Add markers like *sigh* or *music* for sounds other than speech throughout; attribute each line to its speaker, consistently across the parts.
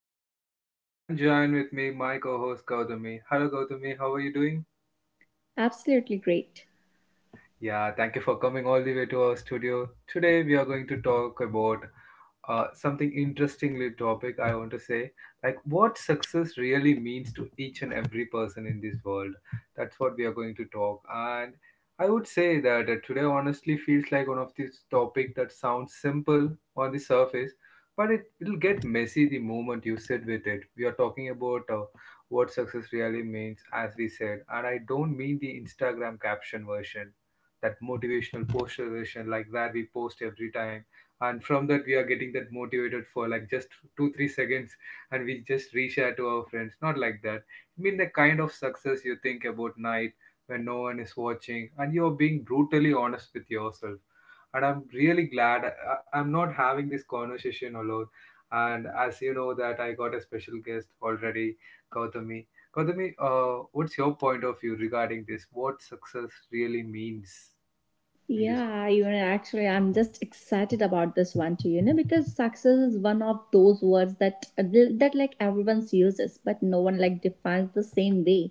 Speaker 1: your host Agilan and join with me my co-host Gautami. Hello Gautami, how are you doing?
Speaker 2: Absolutely great.
Speaker 1: Yeah, thank you for coming all the way to our studio. Today we are going to talk about something interestingly topic I want to say, like what success really means to each and every person in this world. That's what we are going to talk. And I would say that today honestly feels like one of these topic that sounds simple on the surface, but it will get messy the moment you sit with it. We are talking about what success really means, as we said, and I don't mean the Instagram caption version, that motivational poster version like that we post every time, and from that we are getting that motivated for like just two three seconds, and we just reshare to our friends, not like that. I mean the kind of success you think about night when no one is watching and you're being brutally honest with yourself. And I'm really glad I'm not having this conversation alone, and as you know that I got a special guest already, Gautami. What's your point of view regarding this, what success really means in this?
Speaker 2: Yeah, you know, actually, I'm just excited about this one too. You know, because success is one of those words that like everyone uses, but no one like defines the same way.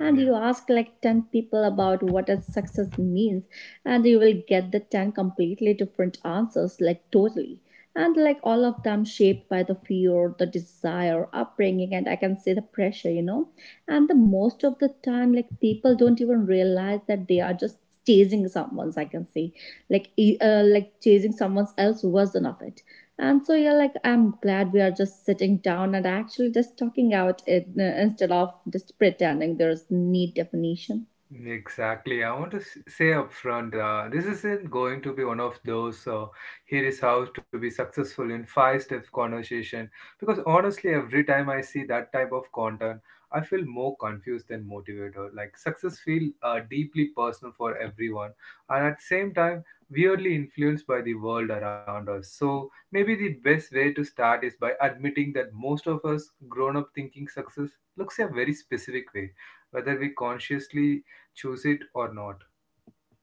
Speaker 2: And you ask like 10 people about what a success means, and you will get the 10 completely different answers, like totally. And like all of them shaped by the fear, the desire, upbringing, and I can say the pressure, and the most of the time like people don't even realize that they are just chasing someone's I can say like e- like chasing someone's else version of it. And so, yeah, like I'm glad we are just sitting down and actually just talking out it, instead of just pretending there's need definition.
Speaker 1: Exactly. I want to say upfront, this isn't going to be one of those here is how to be successful in five step conversation. Because honestly, every time I see that type of content, I feel more confused than motivated. Like success feel deeply personal for everyone, and at the same time, weirdly influenced by the world around us. So maybe the best way to start is by admitting that most of us grown up thinking success looks a very specific way, whether we consciously choose it or not.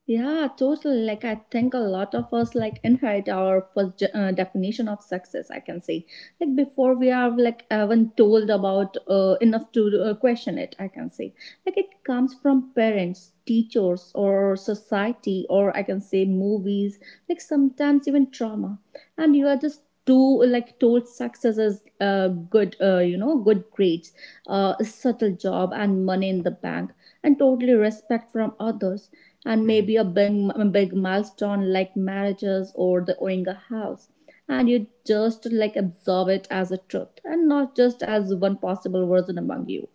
Speaker 2: Yeah, totally. Like I think a lot of us like inherit our first definition of success. I can say, like before we are like even told about enough to question it. I can say, like it comes from parents, teachers, or society, or I can say movies. Like sometimes even trauma, and you are just too like told success is good. Good grades, a subtle job, and money in the bank, and totally respect from others, and maybe
Speaker 1: Hmm.
Speaker 2: a big milestone like marriages or the owning a house. And you just like absorb it as a truth and not just as one possible version among you.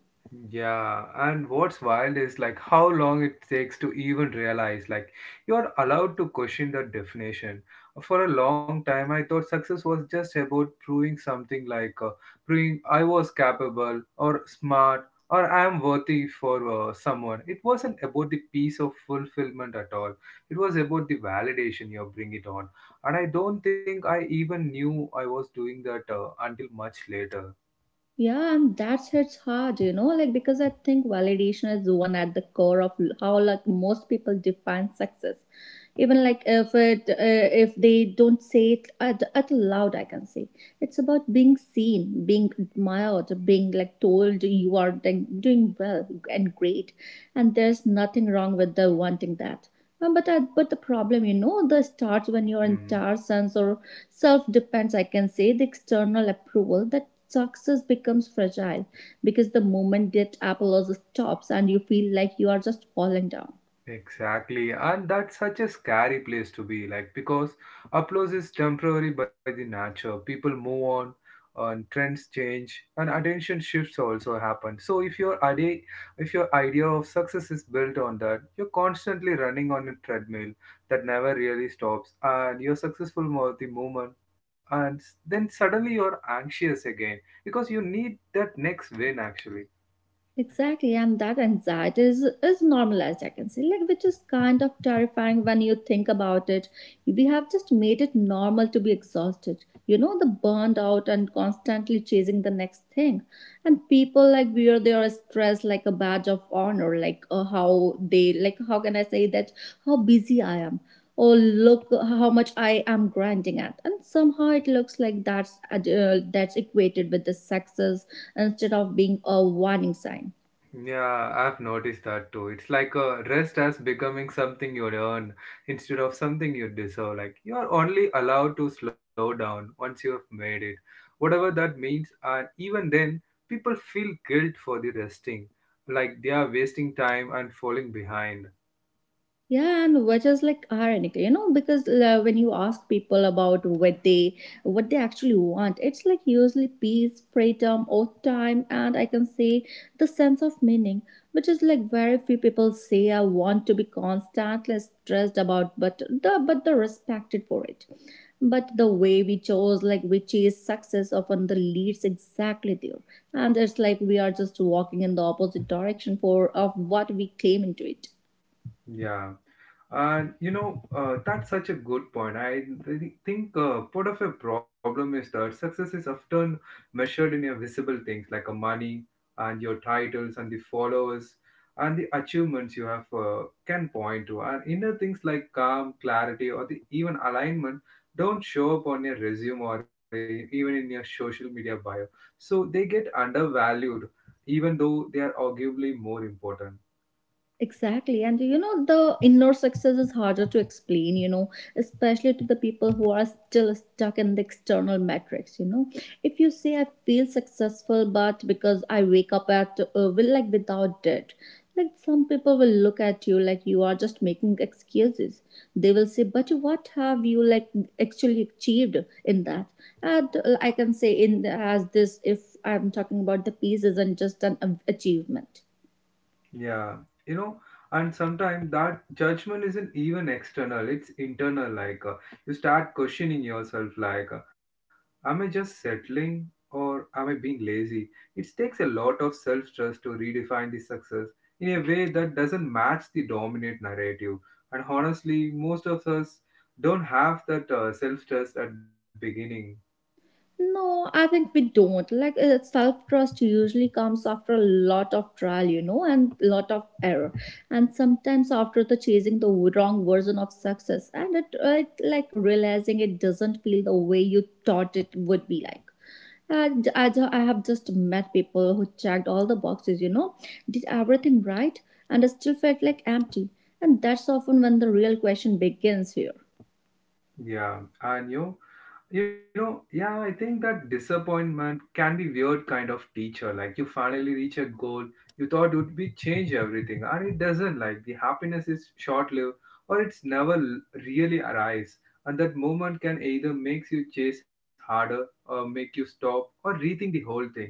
Speaker 1: Yeah, and what's wild is like how long it takes to even realize like you're allowed to question the definition. For a long time, I thought success was just about proving something, like proving I was capable or smart or I am worthy for someone. It wasn't about the piece of fulfillment at all. It was about the validation you bring it on. And I don't think I even knew I was doing that until much later.
Speaker 2: Yeah, and that's it's hard, you know, like because I think validation is one at the core of how like most people define success. Even like if they don't say it at loud, I can say, it's about being seen, being admired, being like told you are doing well and great, and there's nothing wrong with the wanting that. But the problem, the starts when your entire sense or self depends, I can say, the external approval that success becomes fragile because the moment that apology stops and you feel like you are just falling down.
Speaker 1: Exactly, and that's such a scary place to be, like because applause is temporary by the nature. People move on, and trends change, and attention shifts also happen. So if your idea of success is built on that, you're constantly running on a treadmill that never really stops, and you're successful with the moment, and then suddenly you're anxious again because you need that next win actually.
Speaker 2: Exactly, and that anxiety is normalized, I can say, like which is kind of terrifying when you think about it. We have just made it normal to be exhausted, you know, the burned out and constantly chasing the next thing. And people like wear their stress like a badge of honor, like how can I say that, how busy I am. Oh look how much I am grinding at, and somehow it looks like that's equated with the success instead of being a warning sign.
Speaker 1: Yeah, I've noticed that too. It's like a rest as becoming something you earn instead of something you deserve. Like you're only allowed to slow down once you have made it, whatever that means. And even then, people feel guilt for the resting, like they are wasting time and falling behind.
Speaker 2: Yeah, and which is like ironic, you know, because when you ask people about what they actually want, it's like usually peace, freedom, or time, and I can say the sense of meaning, which is like very few people say I want to be constantly stressed about, but the respected for it. But the way we chose, like we chase success, often the leads exactly there, and it's like we are just walking in the opposite direction for of what we claim into it.
Speaker 1: Yeah. And you know, that's such a good point. I think part of a problem is that success is often measured in your visible things like a money and your titles and the followers and the achievements you have can point to. And inner things like calm, clarity, or the even alignment don't show up on your resume or even in your social media bio. So they get undervalued, even though they are arguably more important.
Speaker 2: Exactly. And you know, the inner success is harder to explain, you know, especially to the people who are still stuck in the external metrics, you know. If you say I feel successful, but because I wake up at, will like without debt, like some people will look at you like you are just making excuses. They will say, but what have you like actually achieved in that? And I can say in as this, if I'm talking about the piece isn't just an achievement.
Speaker 1: Yeah, you know, and sometimes that judgment isn't even external, it's internal. Like, you start questioning yourself, like, am I just settling or am I being lazy? It takes a lot of self trust to redefine the success in a way that doesn't match the dominant narrative. And honestly, most of us don't have that self trust at beginning.
Speaker 2: No, I think we don't. Like self-trust usually comes after a lot of trial, you know, and lot of error, and sometimes after the chasing the wrong version of success, and it like realizing it doesn't feel the way you thought it would be like. And I have just met people who checked all the boxes, you know, did everything right, and still felt like empty. And that's often when the real question begins here.
Speaker 1: Yeah, and you know, you know, yeah, I think that disappointment can be weird kind of teacher. Like you finally reach a goal you thought would be change everything, and it doesn't. Like the happiness is short lived, or it's never really arrives. And that moment can either makes you chase harder, or make you stop, or rethink the whole thing.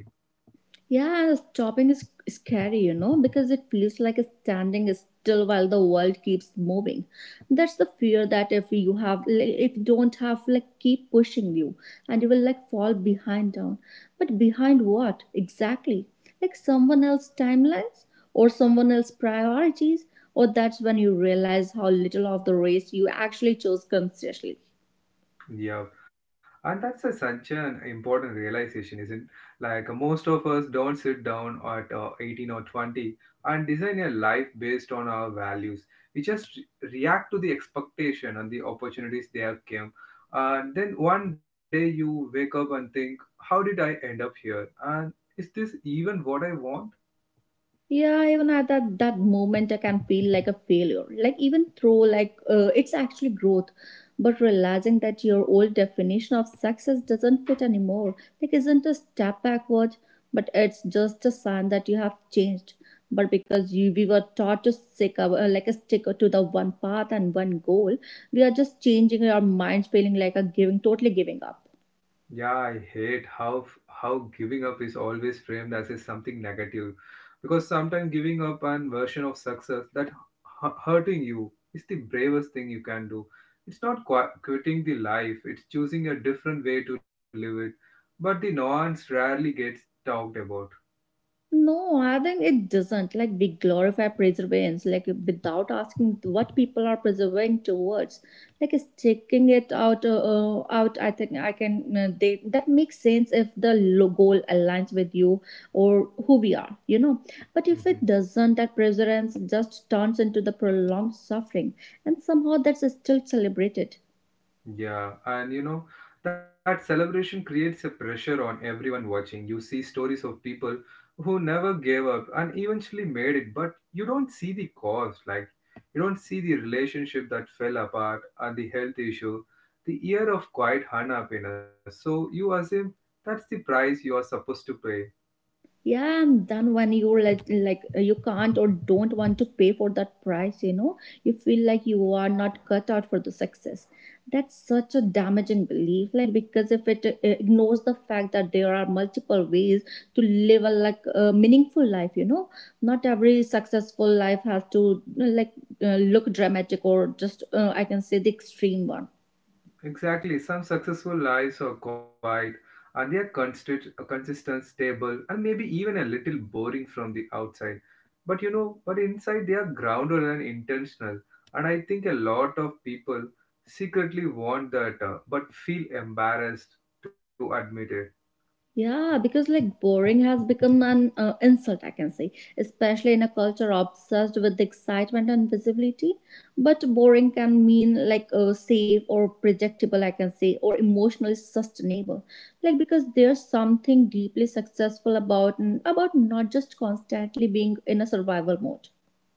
Speaker 2: Yeah, stopping is scary, you know, because it feels like standing still while the world keeps moving. That's the fear that if you don't have, like, keep pushing you and you will, like, fall behind down. But behind what exactly? Like someone else's timelines or someone else's priorities? Or that's when you realize how little of the race you actually chose consciously.
Speaker 1: Yeah, and that's a, such an important realization, isn't? Like most of us don't sit down at 18 or 20 and design a life based on our values. We just react to the expectation and the opportunities they have came. And then one day you wake up and think, how did I end up here? And is this even what I want?
Speaker 2: Yeah, even at that moment, I can feel like a failure. Like even though like it's actually growth, but realizing that your old definition of success doesn't fit anymore, like isn't a step backward, but it's just a sign that you have changed. But because you we were taught to stick our, like a stick to the one path and one goal, we are just changing our minds, feeling like a giving, totally giving up.
Speaker 1: Yeah, I hate how giving up is always framed as a something negative, because sometimes giving up an version of success that hurting you is the bravest thing you can do. It's not quitting the life; it's choosing a different way to live it. But the nuance rarely gets talked about.
Speaker 2: No, I think it doesn't. Like we glorify preservance, like without asking what people are preserving towards. Like sticking it out, out. I think I can. They That makes sense if the goal aligns with you or who we are, you know. But if it
Speaker 1: *laughs*
Speaker 2: doesn't, that preservance just turns into the prolonged suffering, and somehow that's still celebrated.
Speaker 1: Yeah, and you know, that celebration creates a pressure on everyone watching. You see stories of people who never gave up and eventually made it, but you don't see the cost. Like, you don't see the relationship that fell apart and the health issue, the year of quiet unhappiness. So you assume that's the price you are supposed to pay.
Speaker 2: Yeah, and then when you you can't or don't want to pay for that price, you know, you feel like you are not cut out for the success. That's such a damaging belief, like because if it ignores the fact that there are multiple ways to live a like a meaningful life, you know, not every successful life has to like look dramatic or just I can say the extreme one.
Speaker 1: Exactly. Some successful lives are quiet and they are consistent, stable, and maybe even a little boring from the outside. But you know, but inside they are grounded and intentional. And I think a lot of people secretly want that, but feel embarrassed to admit it.
Speaker 2: Yeah, because like boring has become an insult, I can say, especially in a culture obsessed with excitement and visibility. But boring can mean like safe or predictable, I can say, or emotionally sustainable. Like because there's something deeply successful about not just constantly being in a survival mode.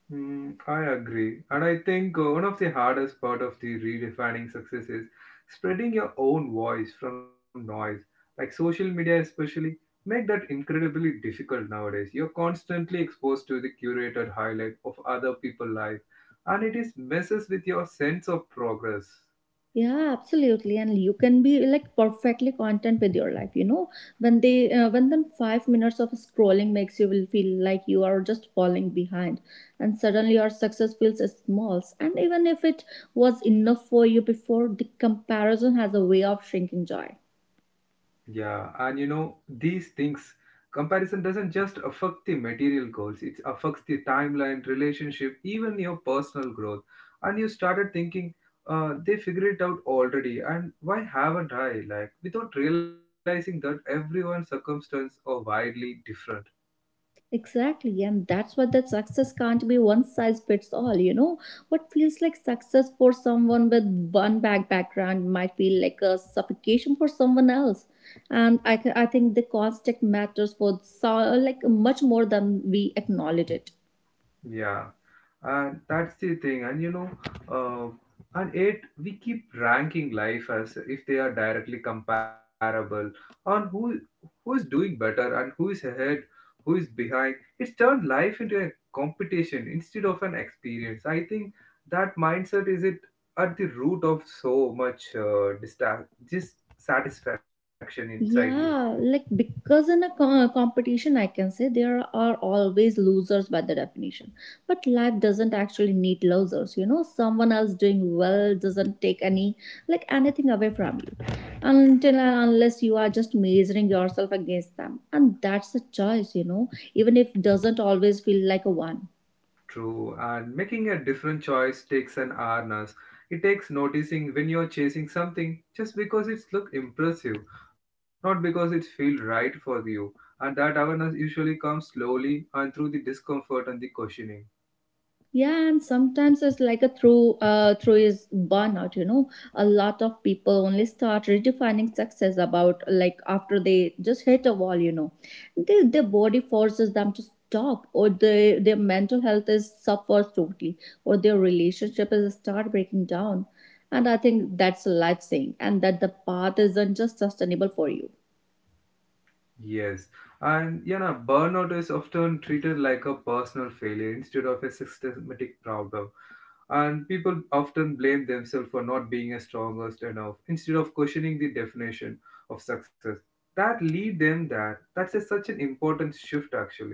Speaker 1: Mm, I agree. And I think one of the hardest part of the redefining success is spreading your own voice from noise. Like social media especially make that incredibly difficult nowadays. You're constantly exposed to the curated highlight of other people's life, and it is messes with your sense of progress.
Speaker 2: Yeah, absolutely. And you can be like perfectly content with your life, you know. When then 5 minutes of scrolling makes you will feel like you are just falling behind, and suddenly your success feels small. And even if it was enough for you before, the comparison has a way of shrinking joy.
Speaker 1: Yeah, and you know, these things, comparison doesn't just affect the material goals, it affects the timeline, relationship, even your personal growth. And you started thinking, they figured it out already, and why haven't I? Like, without realizing that everyone's circumstance are widely different.
Speaker 2: Exactly, and that's what the success can't be one size fits all. You know, what feels like success for someone with one bag background might feel like a suffocation for someone else. And I think the context matters for so, like much more than we acknowledge it.
Speaker 1: Yeah, and that's the thing. And you know, and it we keep ranking life as if they are directly comparable on who is doing better and who is ahead, who is behind. It's turned life into a competition instead of an experience. I think that mindset is it at the root of so much dissatisfaction inside you.
Speaker 2: Yeah, like because in a competition, I can say there are always losers by the definition. But life doesn't actually need losers. You know, someone else doing well doesn't take anything away from you, until and unless you are just measuring yourself against them, and that's a choice. You know, even if doesn't always feel like a one.
Speaker 1: True, and making a different choice takes an awareness. It takes noticing when you're chasing something just because it's look impressive, not because it feels right for you. And that awareness usually comes slowly and through the discomfort and the questioning.
Speaker 2: Yeah, and sometimes it's like a through through is burnout. You know, a lot of people only start redefining success about like after they just hit a wall. You know, their body forces them to stop, or their mental health is suffers totally, or their relationship is start breaking down. And I think that's a life saying, and that the path isn't just sustainable for you.
Speaker 1: Yes, and you know, burnout is often treated like a personal failure instead of a systematic problem. And people often blame themselves for not being as strongest enough instead of questioning the definition of success. That lead them, that's a, such an important shift actually.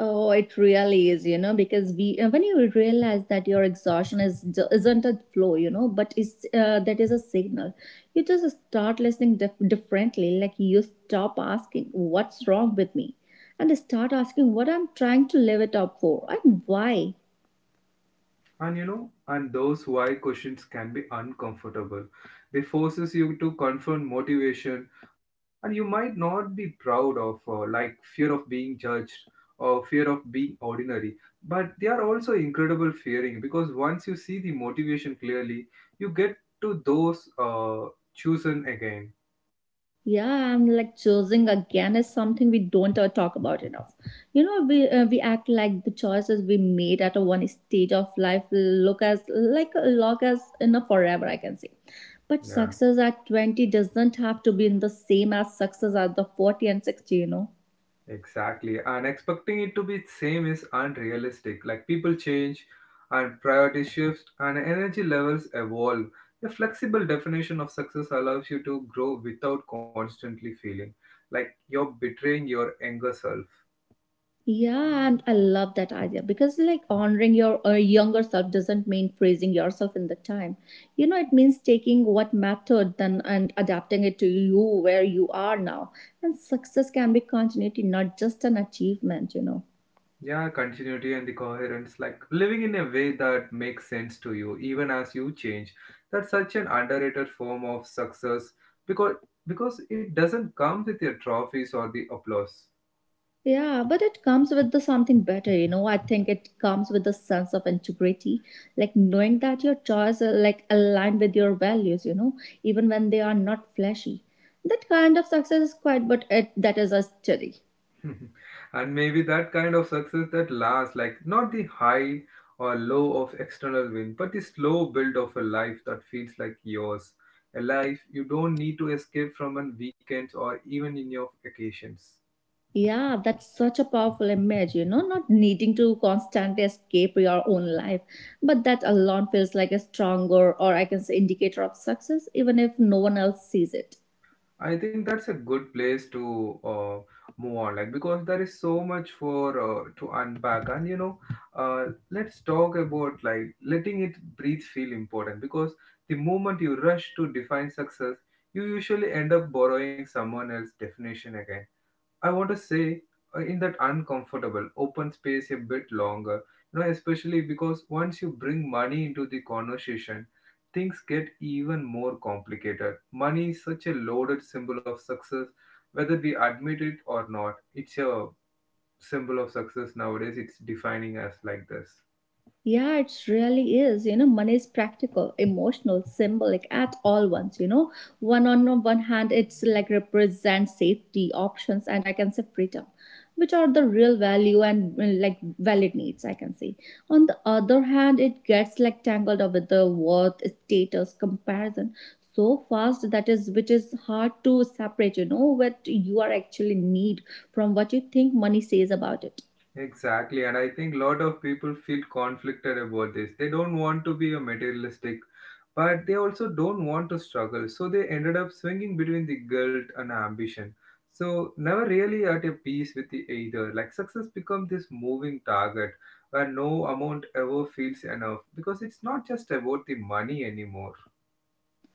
Speaker 2: Oh, it really is, you know, because we when you realize that your exhaustion is isn't a flow, you know, but it's that is a signal. You just start listening differently, like you stop asking what's wrong with me, and start asking what I'm trying to live it up for and why.
Speaker 1: And you know, and those why questions can be uncomfortable. They forces you to confront motivation, and you might not be proud of, like fear of being judged or fear of being ordinary. But they are also incredible fearing, because once you see the motivation clearly, you get to those chosen again.
Speaker 2: Yeah, and like choosing again is something we don't talk about enough. You know, we act like the choices we made at a one stage of life look as like log as in a forever, I can say. But
Speaker 1: Yeah.
Speaker 2: success at 20 doesn't have to be in the same as success at the 40 and 60, you know.
Speaker 1: Exactly. And expecting it to be same is unrealistic. Like people change and priority shifts and energy levels evolve. A flexible definition of success allows you to grow without constantly feeling like you're betraying your younger self.
Speaker 2: Yeah, and I love that idea because, like, honoring your younger self doesn't mean freezing yourself in the time. You know, it means taking what mattered then and adapting it to you where you are now. And success can be continuity, not just an achievement, you know.
Speaker 1: Yeah, continuity and the coherence, like living in a way that makes sense to you even as you change. That's such an underrated form of success, because because it doesn't come with your trophies or the applause.
Speaker 2: Yeah, but it comes with the something better, you know. I think it comes with a sense of integrity, like knowing that your choices are like aligned with your values, you know, even when they are not flashy. That kind of success is quite, but it, that is a study.
Speaker 1: *laughs* And maybe that kind of success that lasts, like not the high or low of external win, but the slow build of a life that feels like yours. A life you don't need to escape from on weekends or even in your vacations.
Speaker 2: Yeah, that's such a powerful image, you know, not needing to constantly escape your own life. But that alone feels like a stronger or I can say indicator of success, even if no one else sees it.
Speaker 1: I think that's a good place to move on, like because there is so much for to unpack, and you know, uh, let's talk about like letting it breathe feel important, because the moment you rush to define success, you usually end up borrowing someone else's definition again. I want to say in that uncomfortable open space a bit longer, you know, especially because once you bring money into the conversation, things get even more complicated. Money is such a loaded symbol of success, whether we admit it or not. It's a symbol of success nowadays, it's defining us like this.
Speaker 2: Yeah, it really is. You know, money is practical, emotional, symbolic at all once. You know, one on one hand, it's like represents safety, options, and I can say freedom, which are the real value and like valid needs. I can say. On the other hand, it gets like tangled up with the worth, status, comparison so fast that is which is hard to separate. You know what you are actually need from what you think money says about it.
Speaker 1: Exactly, and I think a lot of people feel conflicted about this. They don't want to be a materialistic, but they also don't want to struggle. So they ended up swinging between the guilt and ambition. So never really at a peace with the either. Like success becomes this moving target where no amount ever feels enough because it's not just about the money anymore.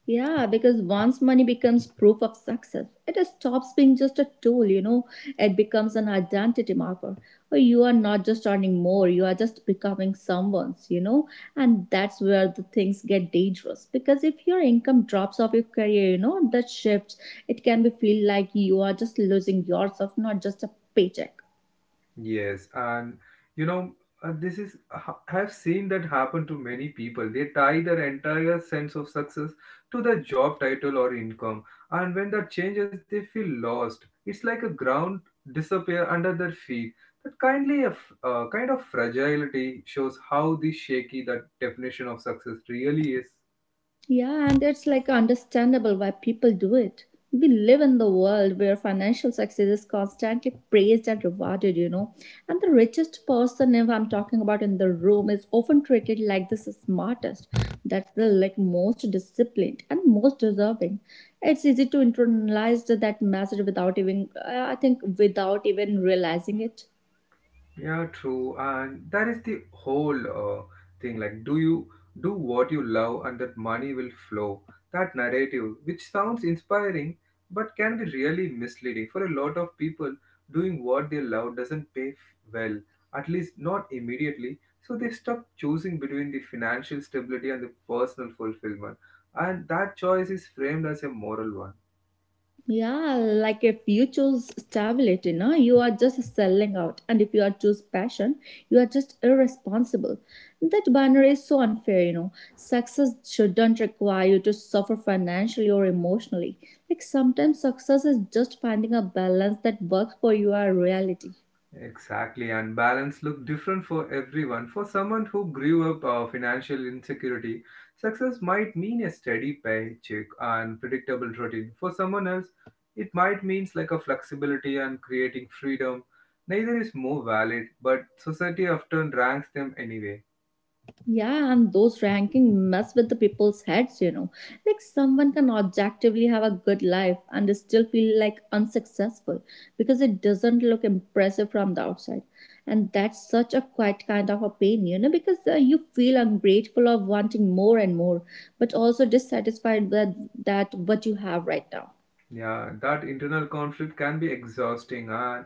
Speaker 2: Yeah, because once money becomes proof of success, it stops being just a tool, you know, it becomes an identity marker. Or you are not just earning more, you are just becoming someone's, you know, and that's where the things get dangerous. Because if your income drops off your career, you know, that shifts, it can be feel like you are just losing yourself, not just a paycheck.
Speaker 1: Yes, and you know, this is I have seen that happen to many people. They tie their entire sense of success to the job title or income, and when that changes, they feel lost. It's like a ground disappear under their feet. That kindly kind of fragility shows how the shaky that definition of success really is.
Speaker 2: Yeah, and it's like understandable why people do it. We live in the world where financial success is constantly praised and rewarded, you know. And the richest person, if I'm talking about in the room, is often treated like the smartest, that's the like most disciplined and most deserving. It's easy to internalize that message without even, I think, without even realizing it.
Speaker 1: Yeah, true. And that is the whole thing. Like, do you do what you love and that money will flow? That narrative, which sounds inspiring, but can be really misleading for a lot of people, doing what they love doesn't pay f- well, at least not immediately. So they stop choosing between the financial stability and the personal fulfillment. And that choice is framed as a moral one.
Speaker 2: Yeah, like if you choose stability, no, you are just selling out. And if you are choose passion, you are just irresponsible. That binary is so unfair, you know. Success shouldn't require you to suffer financially or emotionally. Like sometimes success is just finding a balance that works for your reality.
Speaker 1: Exactly, and balance look different for everyone. For someone who grew up financial insecurity, success might mean a steady paycheck and predictable routine. For someone else, it might means like a flexibility and creating freedom. Neither is more valid, but society often ranks them anyway.
Speaker 2: Yeah, and those ranking mess with the people's heads, you know. Like someone can objectively have a good life and still feel like unsuccessful because it doesn't look impressive from the outside. And that's such a quiet kind of a pain, you know, because you feel ungrateful of wanting more and more, but also dissatisfied with that what you have right now.
Speaker 1: Yeah, that internal conflict can be exhausting, and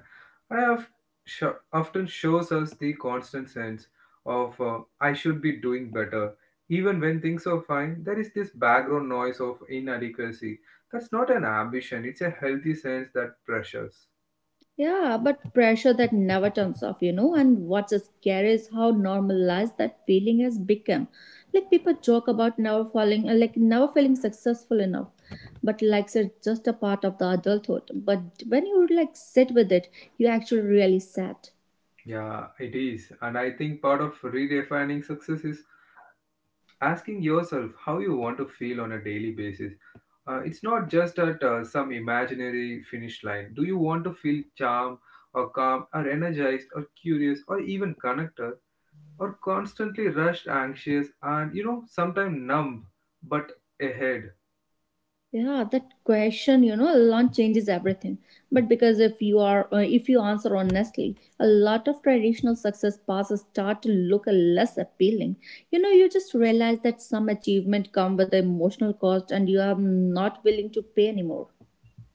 Speaker 1: I have often shows us the constant sense of I should be doing better. Even when things are fine, there is this background noise of inadequacy. That's not an ambition, it's a healthy sense that pressures.
Speaker 2: Yeah, but pressure that never turns off, you know. And what's scary is how normalized that feeling has become. Like people joke about never falling, like never feeling successful enough. But like it's just a part of the adulthood. But when you like sit with it, you actually really sad.
Speaker 1: Yeah, it is. And I think part of redefining success is asking yourself how you want to feel on a daily basis. It's not just at some imaginary finish line. Do you want to feel charm or calm or energized or curious or even connected or constantly rushed, anxious, and you know, sometimes numb but ahead?
Speaker 2: Yeah, that question, you know, a lot changes everything, but because if you are if you answer honestly, a lot of traditional success paths start to look less appealing. You know, you just realize that some achievement come with the emotional cost and you are not willing to pay anymore.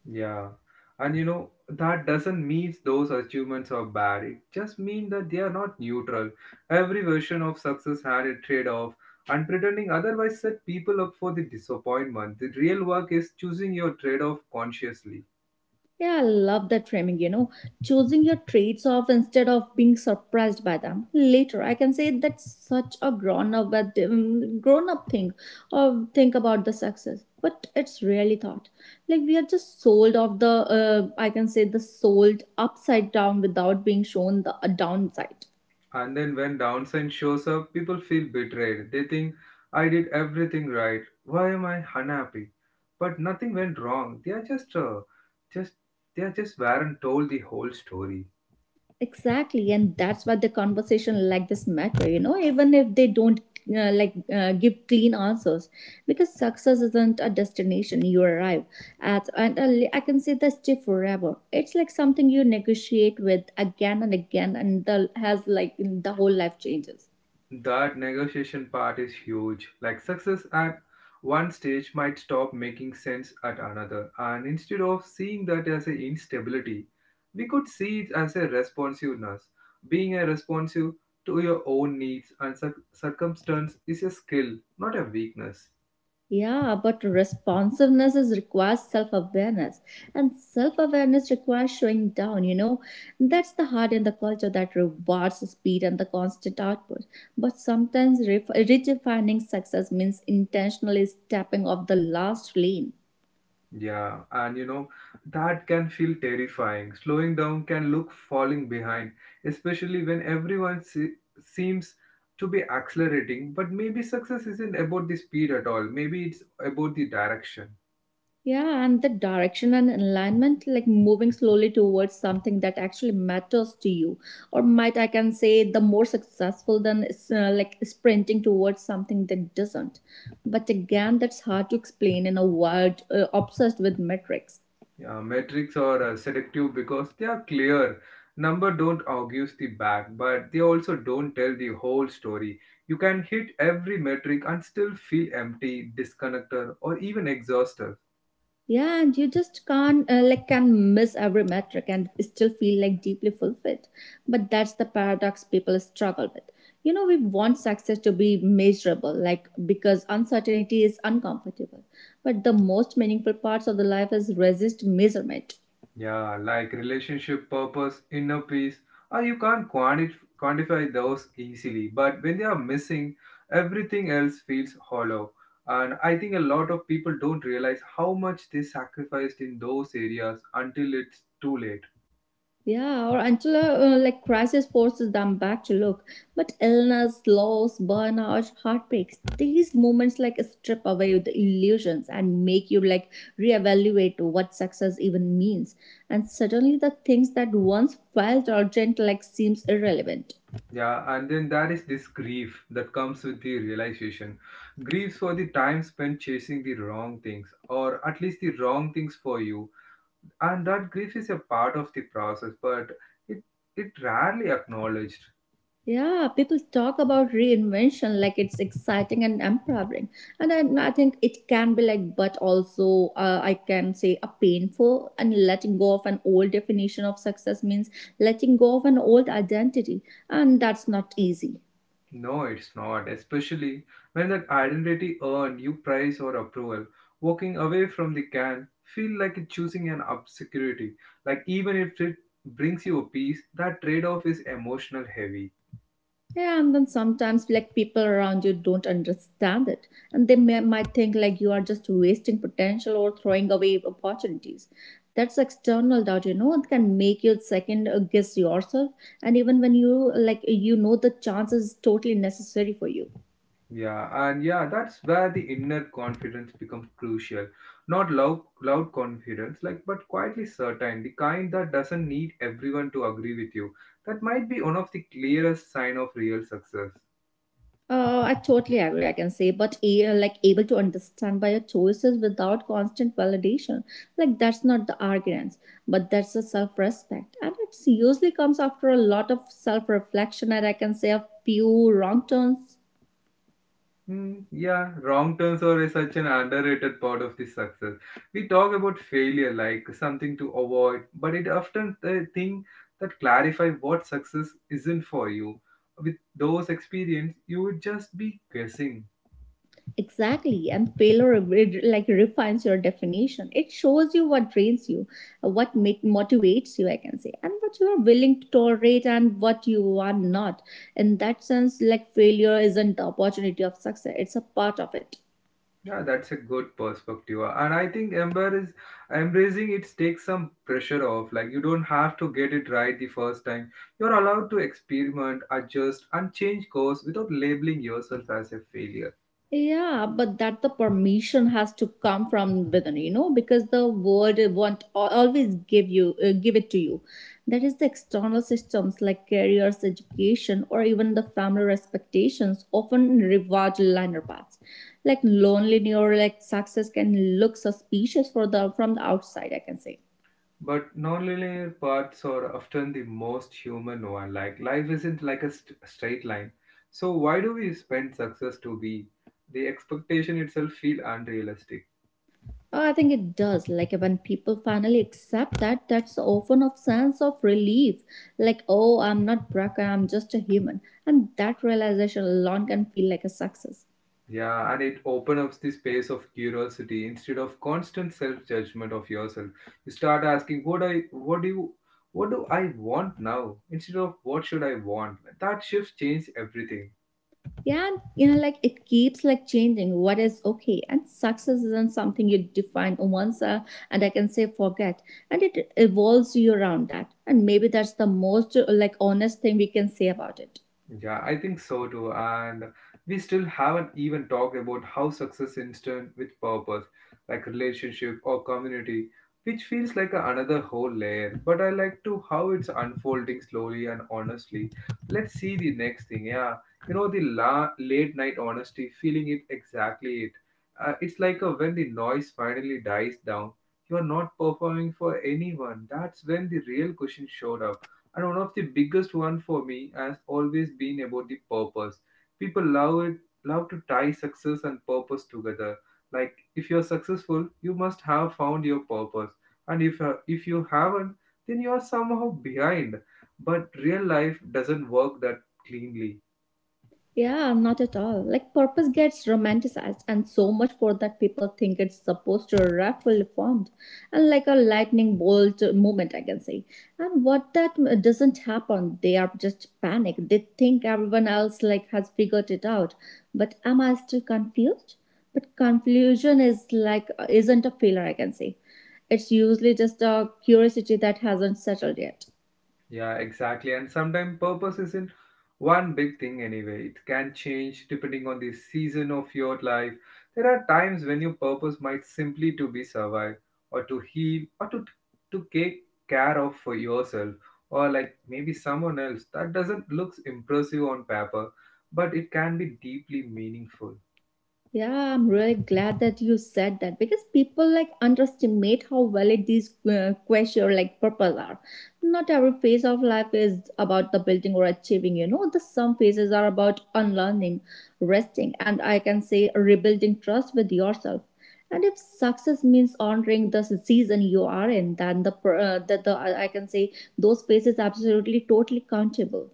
Speaker 1: Yeah. And you know, that doesn't mean those achievements are bad. It just means that they are not neutral. Every version of success had a trade off, and pretending otherwise set people up for the disappointment. The real work is choosing your trade off consciously.
Speaker 2: Yeah, I love that framing, you know, choosing your traits off instead of being surprised by them later. I can say that's such a grown up thing or think about the success, but it's really thought. Like we are just sold off the I can say the sold upside down without being shown the downside.
Speaker 1: And then when downside shows up, people feel betrayed. They think, I did everything right. Why am I unhappy? But nothing went wrong. Just, they are just weren't told the whole story.
Speaker 2: Exactly, and that's why the conversation like this matter, you know, even if they don't like give clean answers, because success isn't a destination you arrive at, and I can say that's still forever. It's like something you negotiate with again and again, and the has like the whole life changes.
Speaker 1: That negotiation part is huge. Like success at one stage might stop making sense at another, and instead of seeing that as an instability, we could see it as a responsiveness. Being a responsive to your own circumstance is a skill, not a weakness.
Speaker 2: Yeah, but responsiveness is requires self awareness, and self awareness requires showing down. You know, that's the heart in the culture that rewards speed and the constant output. But sometimes redefining success means intentionally stepping off the last lane.
Speaker 1: Yeah, and you know, that can feel terrifying. Slowing down can look falling behind, especially when seems to be accelerating. But maybe success isn't about the speed at all. Maybe it's about the direction.
Speaker 2: Yeah, and the direction and alignment, like moving slowly towards something that actually matters to you, or might I can say the more successful than like sprinting towards something that doesn't. But again, that's hard to explain in a world obsessed with metrics.
Speaker 1: Yeah, metrics are seductive because they are clear. Number don't argue the back, but they also don't tell the whole story. You can hit every metric and still feel empty, disconnected, or even exhausted.
Speaker 2: Yeah, and you just can't like can miss every metric and still feel like deeply fulfilled. But that's the paradox people struggle with. You know, we want success to be measurable, like because uncertainty is uncomfortable. But the most meaningful parts of the life is resist measurement.
Speaker 1: Yeah, like relationship purpose, inner peace, you can't quantify those easily. But when they are missing, everything else feels hollow. And I think a lot of people don't realize how much they sacrificed in those areas until it's too late.
Speaker 2: Yeah, or until like crisis forces them back to look. But illness, loss, burnout, heartbreaks, these moments like strip away the illusions and make you like reevaluate what success even means. And suddenly the things that once felt urgent like seems irrelevant.
Speaker 1: Yeah, and then there is this grief that comes with the realization. Griefs for the time spent chasing the wrong things, or at least the wrong things for you and that grief is a part of the process but it it rarely acknowledged.
Speaker 2: Yeah, people talk about reinvention like it's exciting and empowering. And then I think it can be like, but also I can say a painful and letting go of an old definition of success means letting go of an old identity. And that's not easy.
Speaker 1: No, it's not, especially when that identity earned you praise or approval, walking away from the can feel like choosing an obscurity, like even if it brings you a peace, that trade-off is emotional heavy.
Speaker 2: Yeah, and then sometimes like people around you don't understand it, and might think like you are just wasting potential or throwing away opportunities. That's external doubt, you know. It can make you second guess yourself, and even when you like you know the chance is totally necessary for you.
Speaker 1: Yeah, and yeah, that's where the inner confidence becomes crucial. Not loud confidence, like, but quietly certain, the kind that doesn't need everyone to agree with you. That might be one of the clearest sign of real success.
Speaker 2: I totally agree, I can say, but a, like able to understand by your choices without constant validation. Like that's not the arrogance, but that's a self-respect. And it seriously comes after a lot of self-reflection and I can say a few wrong turns.
Speaker 1: Yeah, wrong turns are such an underrated part of the success. We talk about failure like something to avoid, but it often the thing that clarify what success isn't for you. With those experience, you would just be guessing.
Speaker 2: Exactly, and paler it like refines your definition. It shows you what drains you, motivates you, I can say, and what you are willing to tolerate and what you are not. In that sense, like failure isn't the opportunity of success; it's a part of it.
Speaker 1: Yeah, that's a good perspective. And I think Ember is embracing it takes some pressure off. Like you don't have to get it right the first time. You're allowed to experiment, adjust, and change course without labeling yourself as a failure.
Speaker 2: Yeah, but that the permission has to come from within, you know, because the world won't always give you give it to you. That is the external systems like careers, education, or even the family expectations often reward linear paths. Like loneliness or like success can look suspicious for the from the outside, I can say.
Speaker 1: But nonlinear paths are often the most human one. Like life isn't like a straight line. So why do we spend success to be? The expectation itself feel unrealistic.
Speaker 2: Oh, I think it does. Like when people finally accept that, that's often a sense of relief. Like, oh, I'm not broken, I'm just a human. And that realization alone can feel like a success.
Speaker 1: Yeah, and it opens up the space of curiosity instead of constant self-judgment of yourself. You start asking, "What I, what do you, what do I want now?" Instead of "What should I want?" That shift changes everything.
Speaker 2: Yeah, and, you know, like it keeps like changing what is okay. And success isn't something you define once and I can say forget. And it evolves you around that. And maybe that's the most like honest thing we can say about it.
Speaker 1: Yeah, I think so too. And we still haven't even talked about how success is done with purpose, like relationship or community, which feels like another whole layer. But I like to how it's unfolding slowly and honestly. Let's see the next thing. Yeah, you know the late night honesty, feeling it exactly it. It's like a, when the noise finally dies down. You are not performing for anyone. That's when the real cushion showed up and one of the biggest one for me has always been about the purpose. People love it, love to tie success and purpose together. Like if you're successful, you must have found your purpose. And if you haven't, then you are somehow behind. But real life doesn't work that cleanly.
Speaker 2: Yeah, not at all. Like, purpose gets romanticized, and so much for that people think it's supposed to raffle formed and like a lightning bolt moment, I can say. And what that doesn't happen, they are just panicked. They think everyone else like has figured it out, but am I still confused? But confusion is like isn't a failure, I can say. It's usually just a curiosity that hasn't settled yet.
Speaker 1: Yeah, exactly. And sometimes purpose isn't one big thing anyway. It can change depending on the season of your life. There are times when your purpose might simply to be survive or to heal or to take care of for yourself or like maybe someone else. That doesn't looks impressive on paper, but it can be deeply meaningful.
Speaker 2: Yeah, I'm really glad that you said that because people like underestimate how valid these questions like purpose are. Not every phase of life is about the building or achieving, you know. The some phases are about unlearning, resting, and I can say rebuilding trust with yourself. And if success means honoring the season you are in, then the that the I can say those phases absolutely totally countable.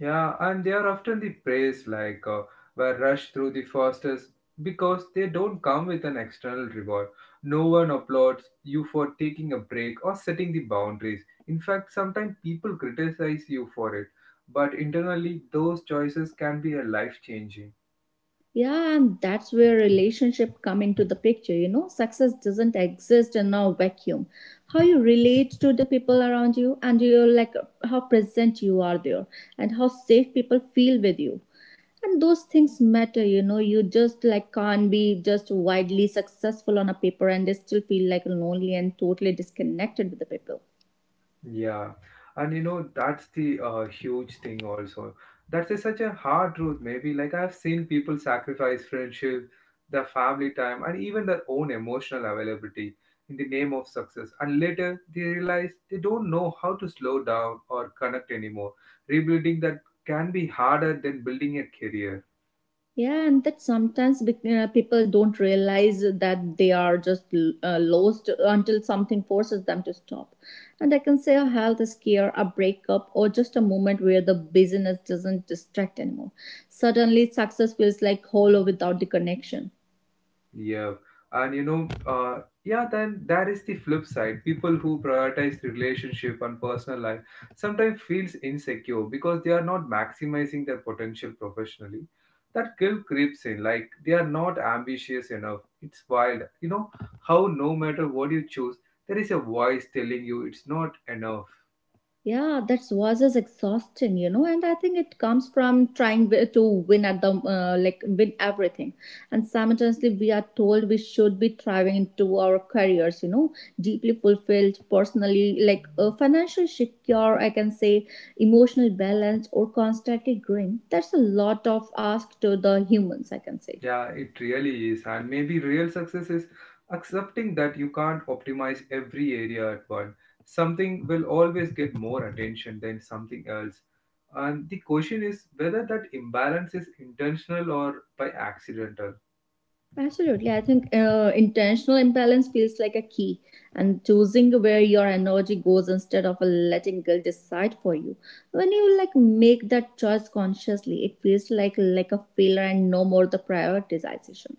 Speaker 1: Yeah, and they are often the praise were rushed through the fastest because they don't come with an external reward. No one applauds you for taking a break or setting the boundaries. In fact, sometimes people criticize you for it, but internally, those choices can be a life changing.
Speaker 2: Yeah, and that's where relationship come into the picture. You know, success doesn't exist in a vacuum. How you relate to the people around you, and you like how present you are there, and how safe people feel with you. And those things matter. You know, you just like can't be just widely successful on a paper and they still feel like lonely and totally disconnected with the people.
Speaker 1: Yeah, and you know that's the huge thing also. That is such a hard truth. Maybe like I've seen people sacrifice friendship, their family time, and even their own emotional availability in the name of success. And later they realize they don't know how to slow down or connect anymore. Rebuilding that can be harder than building a career.
Speaker 2: Yeah, and that sometimes people don't realize that they are just lost until something forces them to stop. And I can say a health scare, a breakup, or just a moment where the busyness doesn't distract anymore. Suddenly, success feels like hollow without the connection.
Speaker 1: Yeah, and you know, yeah, then that is the flip side. People who prioritize relationship and personal life sometimes feels insecure because they are not maximizing their potential professionally. That guilt creeps in, like they are not ambitious enough. It's wild, you know, how no matter what you choose, there is a voice telling you it's not enough.
Speaker 2: Yeah, that was just exhausting, you know, and I think it comes from trying to win at the like win everything, and simultaneously we are told we should be thriving into our careers, you know, deeply fulfilled personally, like financially secure, I can say, emotional balance, or constantly growing. That's a lot of ask to the humans, I can say.
Speaker 1: Yeah, it really is. And maybe real success is accepting that you can't optimize every area at once. Something will always get more attention than something else. And the question is whether that imbalance is intentional or by accidental.
Speaker 2: Absolutely. I think intentional imbalance feels like a key, and choosing where your energy goes instead of letting guilt decide for you. When you like make that choice consciously, it feels like a failure and no more the prioritization.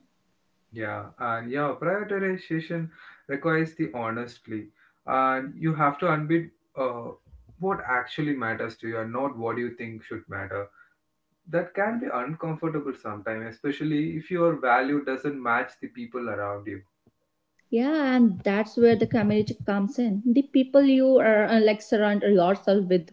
Speaker 1: Yeah, and yeah, prioritization requires the honestly. And you have to unbid what actually matters to you and not what you think should matter. That can be uncomfortable sometimes, especially if your value doesn't match the people around you.
Speaker 2: Yeah, and that's where the community comes in. The people you are like surround yourself with,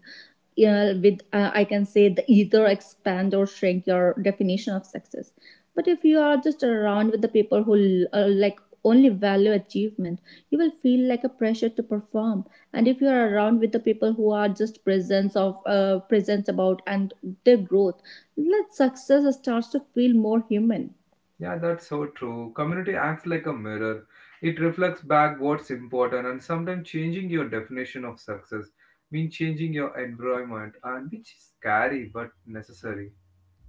Speaker 2: I can say the either expand or shrink your definition of success. But if you are just around with the people who like only value achievement, you will feel like a pressure to perform. And if you are around with the people who are just presence of presence about and their growth, let success starts to feel more human.
Speaker 1: Yeah, that's so true. Community acts like a mirror. It reflects back what's important and sometimes changing your definition of success means changing your environment and which is scary but necessary.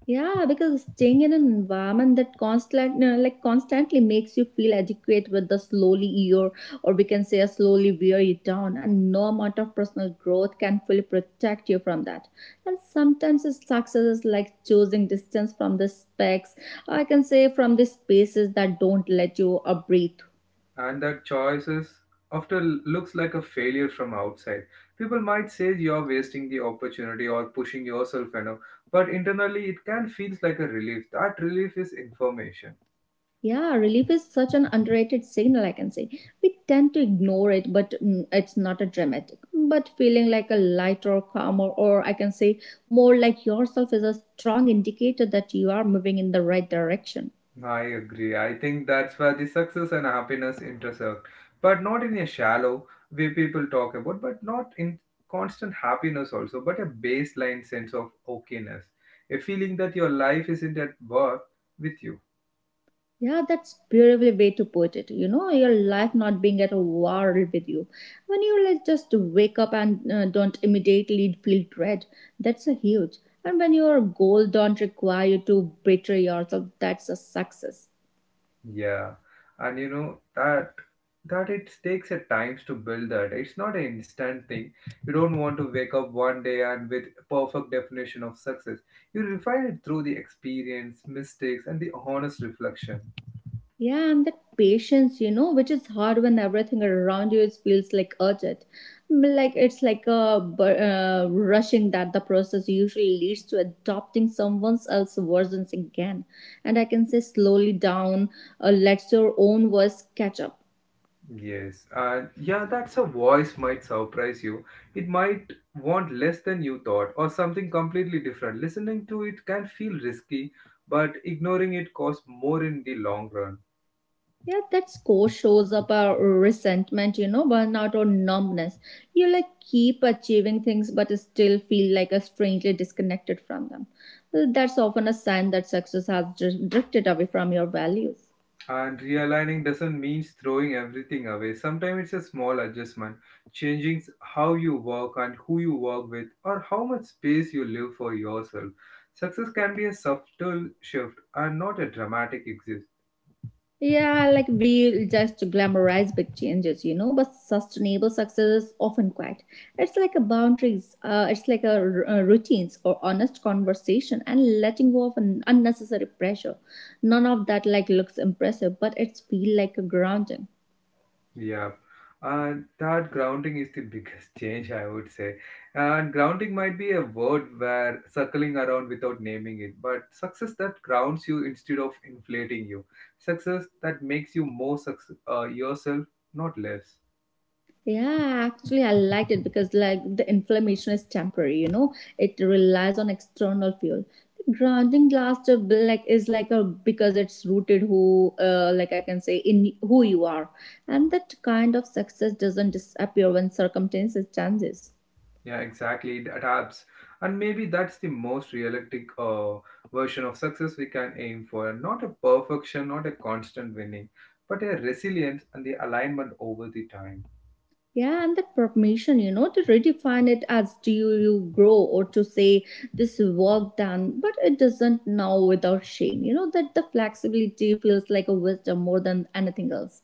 Speaker 2: Yeah, because staying in an environment that like constantly makes you feel adequate with the slowly year, or we can say a slowly wear you down, and no amount of personal growth can fully protect you from that. And sometimes it's success is like choosing distance from the specs, I can say from the spaces that don't let you breathe.
Speaker 1: And that choices often looks like a failure from outside. People might say you're wasting the opportunity or pushing yourself enough, but internally it can feels like a relief. That relief is information.
Speaker 2: Yeah, relief is such an underrated signal, I can say. We tend to ignore it, but it's not a dramatic. But feeling like a lighter, calmer, or I can say more like yourself is a strong indicator that you are moving in the right direction.
Speaker 1: I agree. I think that's where the success and happiness intersect, but not in a shallow way people talk about, but not in constant happiness also, but a baseline sense of okayness, a feeling that your life isn't at work with you.
Speaker 2: Yeah, that's beautifully way to put it. You know, your life not being at war with you. When you like just wake up and don't immediately feel dread, that's a huge. And when your goal don't require you to betray yourself, that's a success.
Speaker 1: Yeah, and you know that it takes a times to build that. It's not an instant thing. You don't want to wake up one day and with perfect definition of success. You refine it through the experience, mistakes, and the honest reflection.
Speaker 2: Yeah, and that patience, you know, which is hard when everything around you is, feels like urgent. Mm, like it's like a rushing that the process usually leads to adopting someone else's versions again. And I can say slowly down, let your own voice catch up.
Speaker 1: Yes, and yeah, that's a voice might surprise you. It might want less than you thought, or something completely different. Listening to it can feel risky, but ignoring it costs more in the long run.
Speaker 2: Yeah, that score shows up a resentment, you know, burnout or numbness. You like keep achieving things but still feel like a strangely disconnected from them. Well, that's often a sign that success has drifted away from your values.
Speaker 1: And realigning doesn't mean throwing everything away. Sometimes it's a small adjustment, changing how you work and who you work with, or how much space you leave for yourself. Success can be a subtle shift and not a dramatic exit.
Speaker 2: Yeah, like we just glamorize big changes, you know, but sustainable success is often quiet. It's like a boundaries, it's like a, routines or honest conversation and letting go of an unnecessary pressure. None of that like looks impressive, but it's feel like a grounding.
Speaker 1: Yeah, and that grounding is the biggest *laughs* change, I would say. And grounding might be a word where circling around without naming it, but success that grounds you instead of inflating you, success that makes you more yourself, not less.
Speaker 2: Yeah, actually, I liked it because like the inflammation is temporary. You know, it relies on external fuel. The grounding glass to be like is like a because it's rooted who like I can say in who you are, and that kind of success doesn't disappear when circumstances changes.
Speaker 1: Yeah, exactly. It adapts, and maybe that's the most realistic version of success we can aim for. Not a perfection, not a constant winning, but a resilience and the alignment over the time.
Speaker 2: Yeah, and that permission, you know, to redefine it as do you grow or to say this work done, but it doesn't now without shame. You know, that the flexibility feels like a wisdom more than anything else.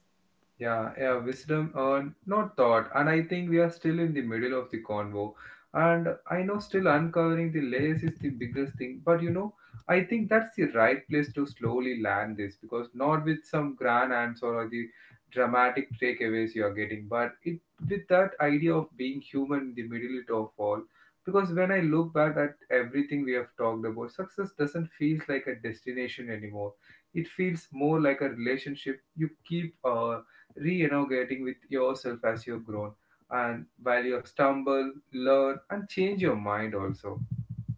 Speaker 1: Yeah, yeah, wisdom earned, not thought. And I think we are still in the middle of the convo. And I know still uncovering the layers is the biggest thing. But you know, I think that's the right place to slowly land this because not with some grand answer or the dramatic takeaways you are getting, but it with that idea of being human in the middle of all. Because when I look back at everything we have talked about, success doesn't feel like a destination anymore. It feels more like a relationship you keep reinnovating with yourself as you've grown and while you stumble learn and change your mind also.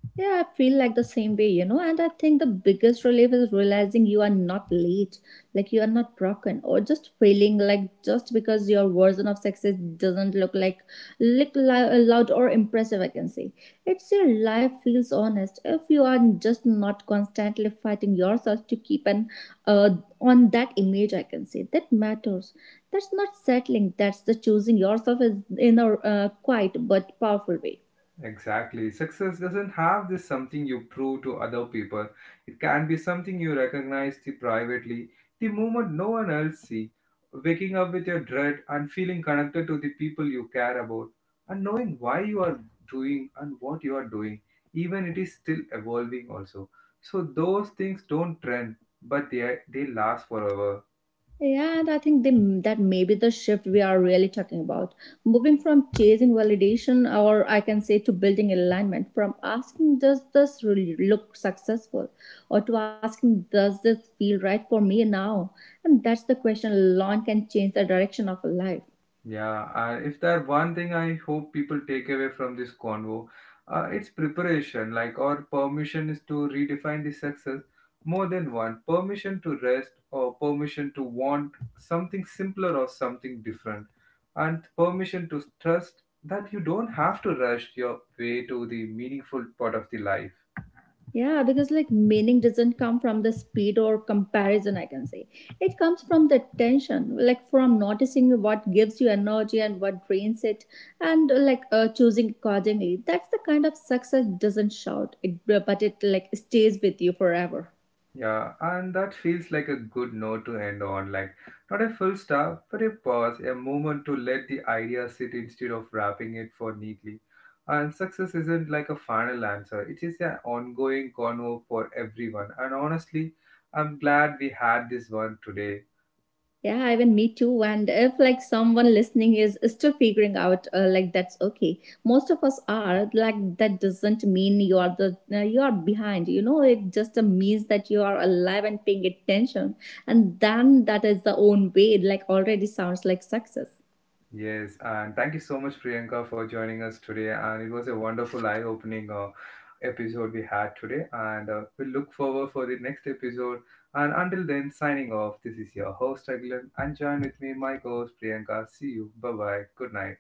Speaker 2: Yeah, I feel like the same way, you know. And I think the biggest relief is realizing you are not late, like you are not broken, or just failing. Like just because your version of success doesn't look like loud or impressive. I can say it's your life feels honest if you are just not constantly fighting yourself to keep an uh, on that image. I can say that matters. That's not settling. That's the choosing yourself is in a quiet but powerful way.
Speaker 1: Exactly, success doesn't have this something you prove to other people, it can be something you recognize the privately, the moment no one else see, waking up with your dread and feeling connected to the people you care about and knowing why you are doing and what you are doing, even it is still evolving also. So those things don't trend, but they last forever.
Speaker 2: Yeah, and I think that may be the shift we are really talking about. Moving from chasing validation, or I can say to building alignment, from asking, does this really look successful? Or to asking, does this feel right for me now? And that's the question alone can change the direction of a life.
Speaker 1: Yeah, if that one thing I hope people take away from this convo, it's preparation, like or permission is to redefine the success more than one permission to rest or permission to want something simpler or something different, and permission to trust that you don't have to rush your way to the meaningful part of the life.
Speaker 2: Yeah, because like meaning doesn't come from the speed or comparison, I can say. It comes from the tension, like from noticing what gives you energy and what drains it, and choosing accordingly. That's the kind of success doesn't shout, it, but it like stays with you forever.
Speaker 1: Yeah, and that feels like a good note to end on. Like, not a full stop, but a pause, a moment to let the idea sit instead of wrapping it for neatly. And success isn't like a final answer, it is an ongoing convo for everyone. And honestly, I'm glad we had this one today.
Speaker 2: Yeah, even me too. And if like someone listening is still figuring out, like that's okay. Most of us are like that. Doesn't mean you are the you are behind. You know, it just means that you are alive and paying attention. And then that is the own way. It like already sounds like success.
Speaker 1: Yes, and thank you so much, Priyanka, for joining us today. And it was a wonderful eye-opening episode we had today. And we look forward for the next episode. And until then, signing off. This is your host Aglan, and join with me, my co-host Priyanka. See you. Bye bye. Good night.